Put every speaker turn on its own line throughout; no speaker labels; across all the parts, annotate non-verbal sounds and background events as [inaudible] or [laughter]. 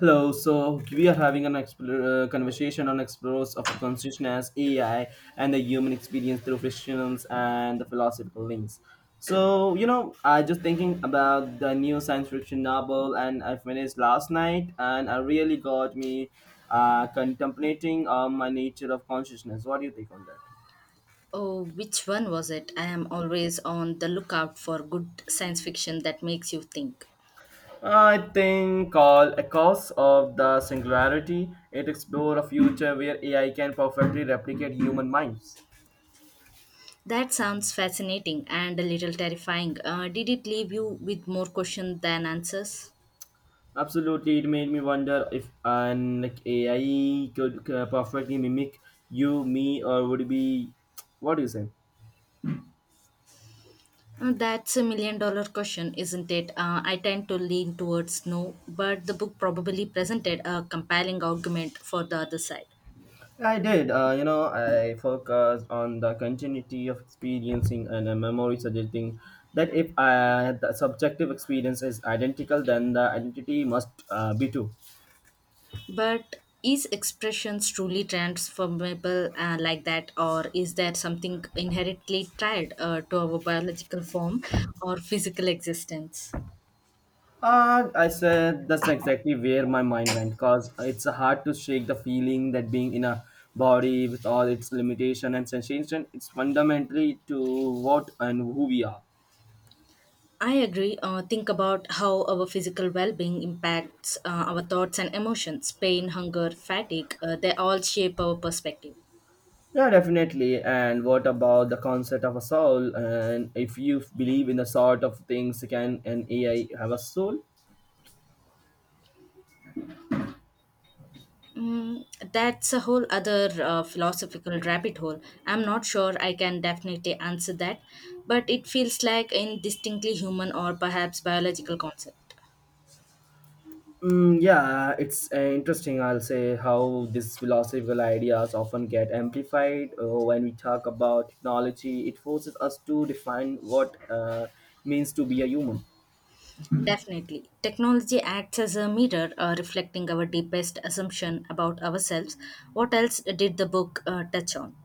Hello, so we are having an conversation on explorers of consciousness, AI, and the human experience through fictions and the philosophical links. So, I just thinking about the new science fiction novel and I finished last night and I really got me contemplating on my nature of consciousness. What do you think on that?
Oh, which one was it? I am always on the lookout for good science fiction that makes you think.
I think called Echoes of the Singularity. It explores a future where AI can perfectly replicate human minds.
That sounds fascinating and a little terrifying. Did it leave you with more questions than answers?
Absolutely, it made me wonder if an like AI could perfectly mimic you, me, or would it be what do you say?
That's $1 million question, isn't it? I tend to lean towards no, but the book probably presented a compelling argument for the other side.
I did. I focused on the continuity of experiencing and a memory, suggesting that if the subjective experience is identical, then the identity must be too.
But is expressions truly transformable like that, or is there something inherently tied to our biological form or physical existence?
I said that's exactly where my mind went because it's hard to shake the feeling that being in a body with all its limitation and sensation, it's fundamentally to what and who we are.
I agree. Think about how our physical well-being impacts our thoughts and emotions. Pain, hunger, fatigue—they all shape our perspective.
Yeah, definitely. And what about the concept of a soul? And if you believe in the sort of things, can an AI have a soul?
Mm, that's a whole other philosophical rabbit hole. I'm not sure I can definitely answer that, but it feels like a distinctly human or perhaps biological concept.
Mm, yeah, it's interesting. I'll say how these philosophical ideas often get amplified when we talk about technology. It forces us to define what means to be a human.
Definitely. Technology acts as a mirror reflecting our deepest assumption about ourselves. What else did the book touch on?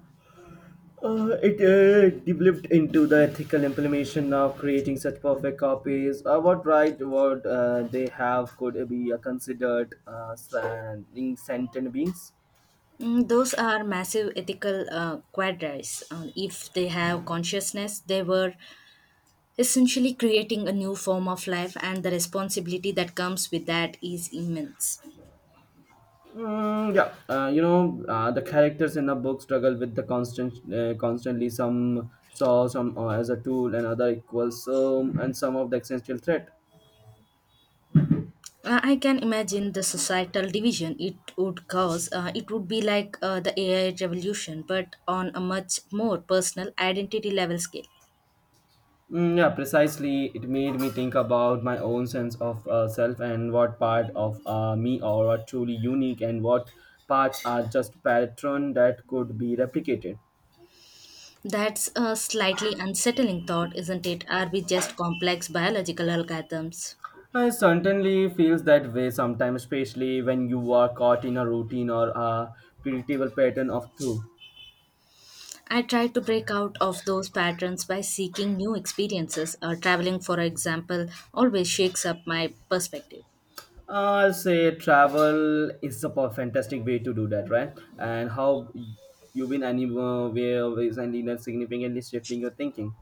It developed into the ethical implementation of creating such perfect copies. What right, what they have could be considered sentient beings.
Mm, those are massive ethical quandaries. If they have consciousness, they were essentially creating a new form of life, and the responsibility that comes with that is immense.
Mm, yeah, the characters in the book struggle with the constantly some saw some as a tool and other equals and some of the existential threat.
I can imagine the societal division it would cause. It would be like the AI revolution, but on a much more personal identity level scale.
Mm, yeah, precisely. It made me think about my own sense of self and what part of me are truly unique and what parts are just pattern that could be replicated.
That's a slightly unsettling thought, isn't it? Are we just complex biological algorithms?
I certainly feels that way sometimes, especially when you are caught in a routine or a predictable pattern of two.
I try to break out of those patterns by seeking new experiences. Traveling, for example, always shakes up my perspective.
I'll say travel is a fantastic way to do that, right? And how you've been anywhere recently that significantly shifting your thinking.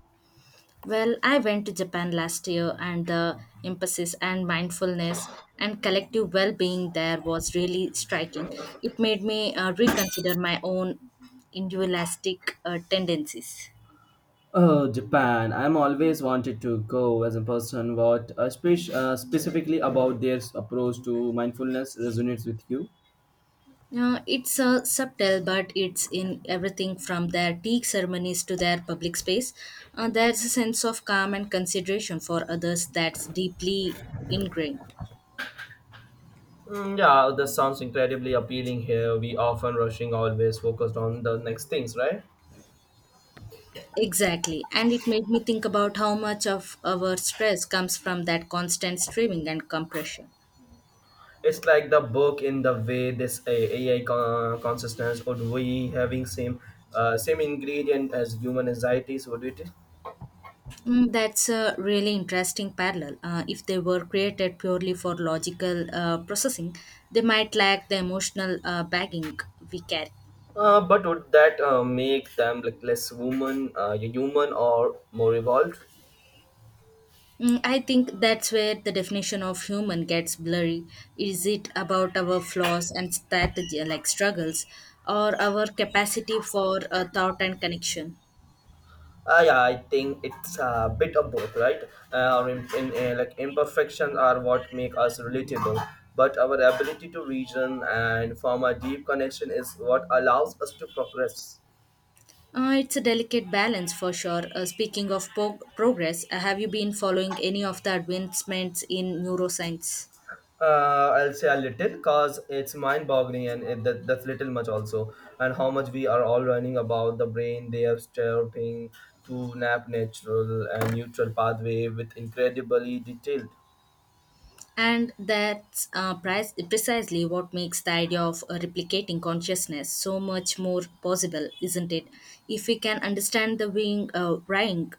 Well, I went to Japan last year, and the emphasis and mindfulness and collective well being there was really striking. It made me reconsider my own individualistic tendencies.
Oh, Japan! I'm always wanted to go as a person. What specifically about their approach to mindfulness resonates with you?
It's subtle, but it's in everything from their tea ceremonies to their public space. There's a sense of calm and consideration for others that's deeply ingrained.
Mm, yeah, this sounds incredibly appealing here. We often rushing, always focused on the next things, right?
Exactly. And it made me think about how much of our stress comes from that constant streaming and compression.
It's like the book in the way this AI consciousness would we having same same ingredient as human anxieties would it?
Mm, that's a really interesting parallel. If they were created purely for logical processing, they might lack the emotional bagging we carry.
But would that make them like less human or more evolved?
Mm, I think that's where the definition of human gets blurry. Is it about our flaws and strategy, like struggles, or our capacity for thought and connection?
Yeah, I think it's a bit of both, right? Like imperfections are what make us relatable, but our ability to reason and form a deep connection is what allows us to progress.
It's a delicate balance for sure. Speaking of progress, have you been following any of the advancements in neuroscience?
I'll say a little cause it's mind boggling and that's little much also and how much we are all running about the brain they are stepping to nap natural and neutral pathway with incredibly detailed
And that's precisely what makes the idea of replicating consciousness so much more possible, isn't it? If we can understand the wing, ring,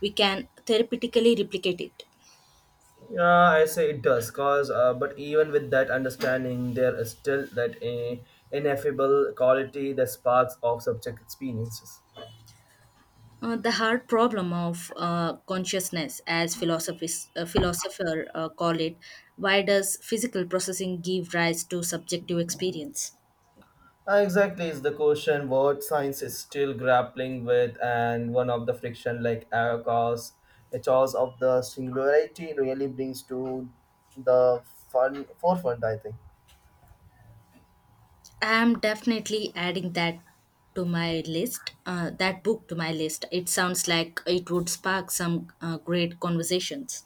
we can therapeutically replicate it.
yeah I say it does cause but even with that understanding there is still that ineffable quality that sparks of subject experiences.
The hard problem of consciousness, as philosophers philosopher call it, why does physical processing give rise to subjective experience?
Exactly is the question what science is still grappling with and one of the friction like error cause a cause of the singularity really brings to the fun forefront I think.
I am definitely adding that to my list. That book to my list. It sounds like it would spark some great conversations.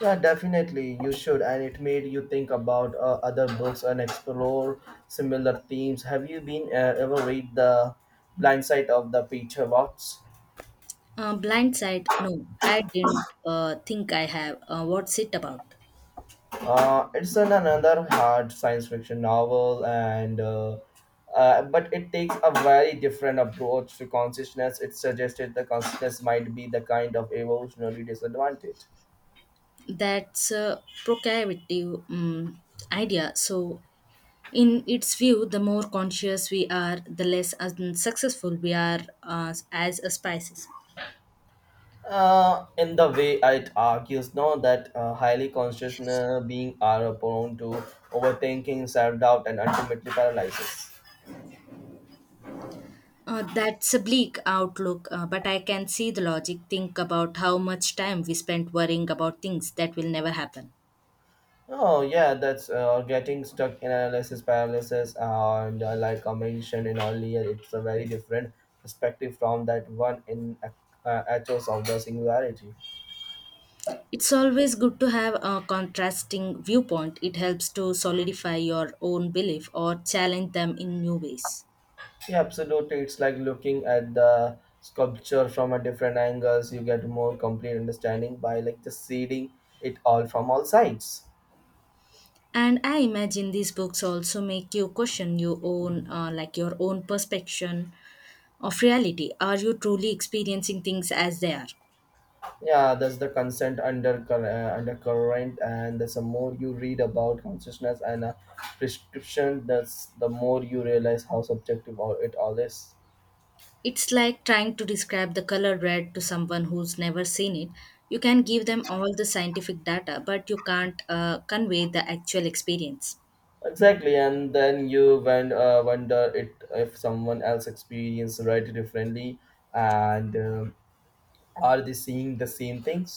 Yeah, definitely you should, and it made you think about other books and explore similar themes. Have you been ever read the Blind Side of the Peter Watts?
Blindside, no, I didn't think I have. What's it about?
It's an another hard science fiction novel, and but it takes a very different approach to consciousness. It suggested the consciousness might be the kind of evolutionary disadvantage.
That's a provocative idea. So in its view, the more conscious we are, the less unsuccessful we are as a species.
In the way it argues, now that highly conscious being are prone to overthinking, self doubt, and ultimately paralysis.
That's a bleak outlook, but I can see the logic. Think about how much time we spend worrying about things that will never happen.
Oh yeah, that's getting stuck in analysis paralysis, and like I mentioned in earlier, it's a very different perspective from that one in Echoes of the Singularity.
It's always good to have a contrasting viewpoint. It helps to solidify your own belief or challenge them in new ways.
Yeah, absolutely. It's like looking at the sculpture from a different angles. You get more complete understanding by like just seeing it all from all sides.
And I imagine these books also make you question your own, your own perspective of reality? Are you truly experiencing things as they are?
Yeah, that's the consent under undercurrent, and that's the more you read about consciousness and prescription, that's the more you realize how subjective all it all is.
It's like trying to describe the color red to someone who's never seen it. You can give them all the scientific data, but you can't convey the actual experience.
Exactly, and then you wonder it if someone else experienced right differently, and are they seeing the same things?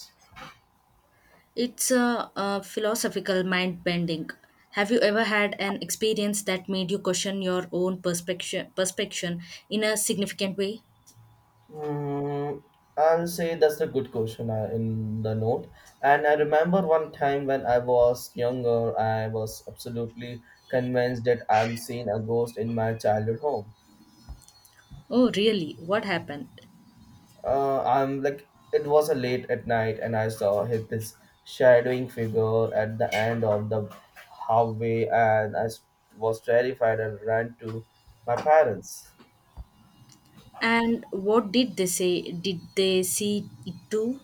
It's a philosophical mind bending. Have you ever had an experience that made you question your own perspective in a significant way?
Mm, I'll say that's a good question in the note. And I remember one time when I was younger, I was absolutely convinced that I'm seeing a ghost in my childhood home.
Oh, really? What happened?
I'm like, it was a late at night, and I saw hit this shadowing figure at the end of the hallway, and I was terrified and ran to my parents.
And what did they say? Did they see it too?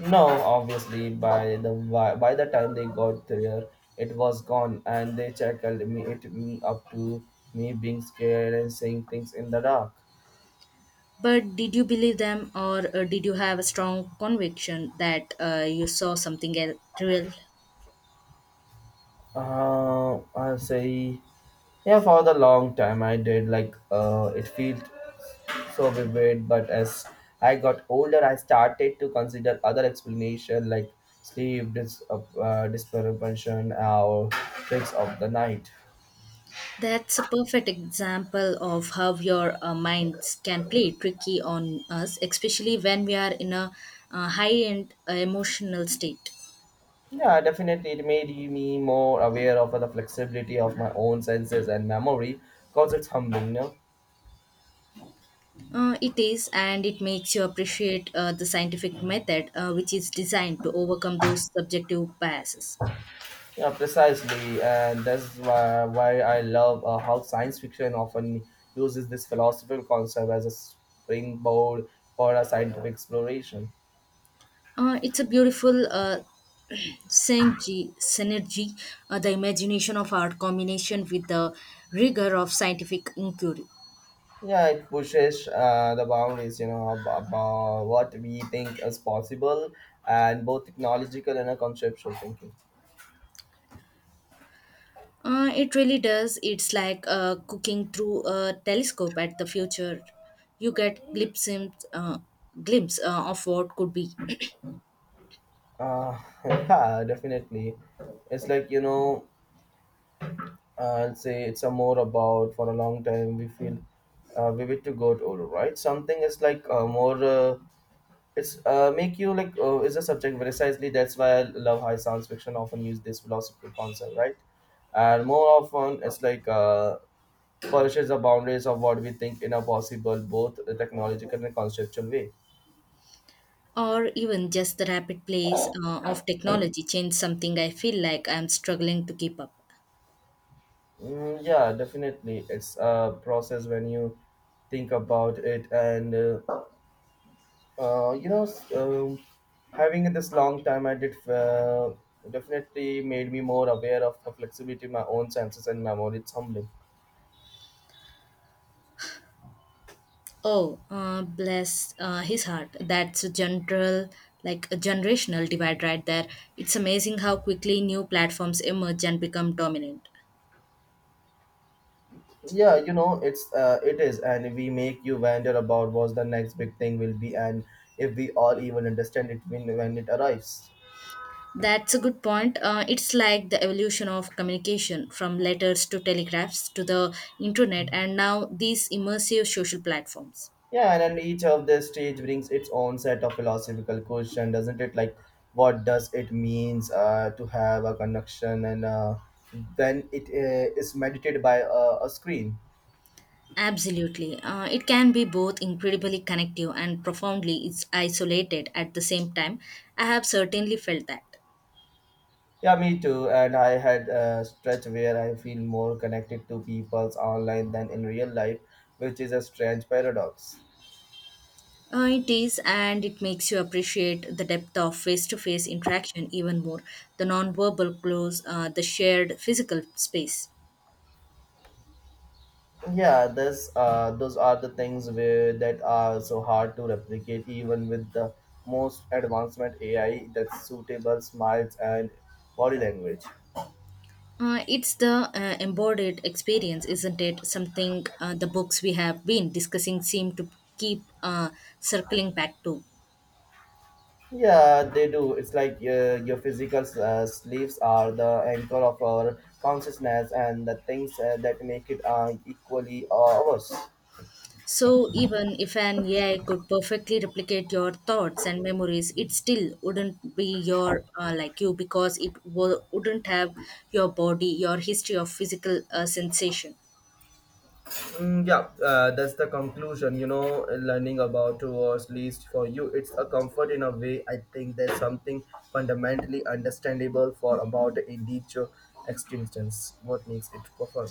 No, obviously by the time they got there, it was gone, and they shackled me it me up to me being scared and saying things in the dark.
But did you believe them, or did you have a strong conviction that you saw something real?
I'll say yeah for the long time I did like it felt so vivid, but as I got older, I started to consider other explanation like sleep, dispersion, or tricks of the night.
That's a perfect example of how your minds can play tricky on us, especially when we are in a high end emotional state.
Yeah, definitely. It made me more aware of the flexibility of my own senses and memory because it's humbling, no?
It is, and it makes you appreciate the scientific method, which is designed to overcome those subjective biases.
Yeah, precisely. And that's why I love how science fiction often uses this philosophical concept as a springboard for a scientific exploration.
It's a beautiful synergy, the imagination of art combination with the rigor of scientific inquiry.
Yeah, it pushes the boundaries, you know, about what we think is possible and both technological and conceptual thinking.
It really does. It's like cooking through a telescope at the future. You get glimpse of what could be,
Uh, [laughs] yeah, definitely. It's like, you know, I'll say it's a more about for a long time we feel vivid to go to right something is like more it's make you like is a subject precisely that's why I love high science fiction often use this philosophical concept right and more often it's like polishes the boundaries of what we think in a possible both technological and conceptual way.
or even just the rapid pace of technology change something I feel like I'm struggling to keep up.
Mm, yeah definitely it's a process when you think about it and Uh, you know, s- um, having this long time, I did definitely made me more aware of the flexibility, my own senses and memory. It's humbling.
Oh, bless his heart. That's a general, like a generational divide right there. It's amazing how quickly new platforms emerge and become dominant.
Yeah, you know, it's it is, and we make you wonder about what the next big thing will be, and if we all even understand it when it arrives.
That's a good point. It's like the evolution of communication from letters to telegraphs to the internet and now these immersive social platforms.
Yeah, and then each of the stage brings its own set of philosophical question, doesn't it? Like, what does it means to have a connection, and then it is meditated by a screen.
Absolutely. It can be both incredibly connective and profoundly it's isolated at the same time. I have certainly felt that.
Yeah, me too. And I had a stretch where I feel more connected to people's online than in real life, which is a strange paradox.
It is, and it makes you appreciate the depth of face to face interaction even more. The non-verbal clues, the shared physical space.
Yeah, this those are the things where that are so hard to replicate, even with the most advancement AI that's suitable smiles and body language.
It's the embodied experience, isn't it? Something the books we have been discussing seem to keep circling back to.
Yeah, they do. It's like your physical sleeves are the anchor of our consciousness and the things that make it equally ours.
So, even if an AI could perfectly replicate your thoughts and memories, it still wouldn't be your you, because it wouldn't have your body, your history of physical sensation.
Mm, yeah, that's the conclusion. You know, learning about towards least for you, it's a comfort in a way. I think there's something fundamentally understandable for about individual existence. What makes it for fun?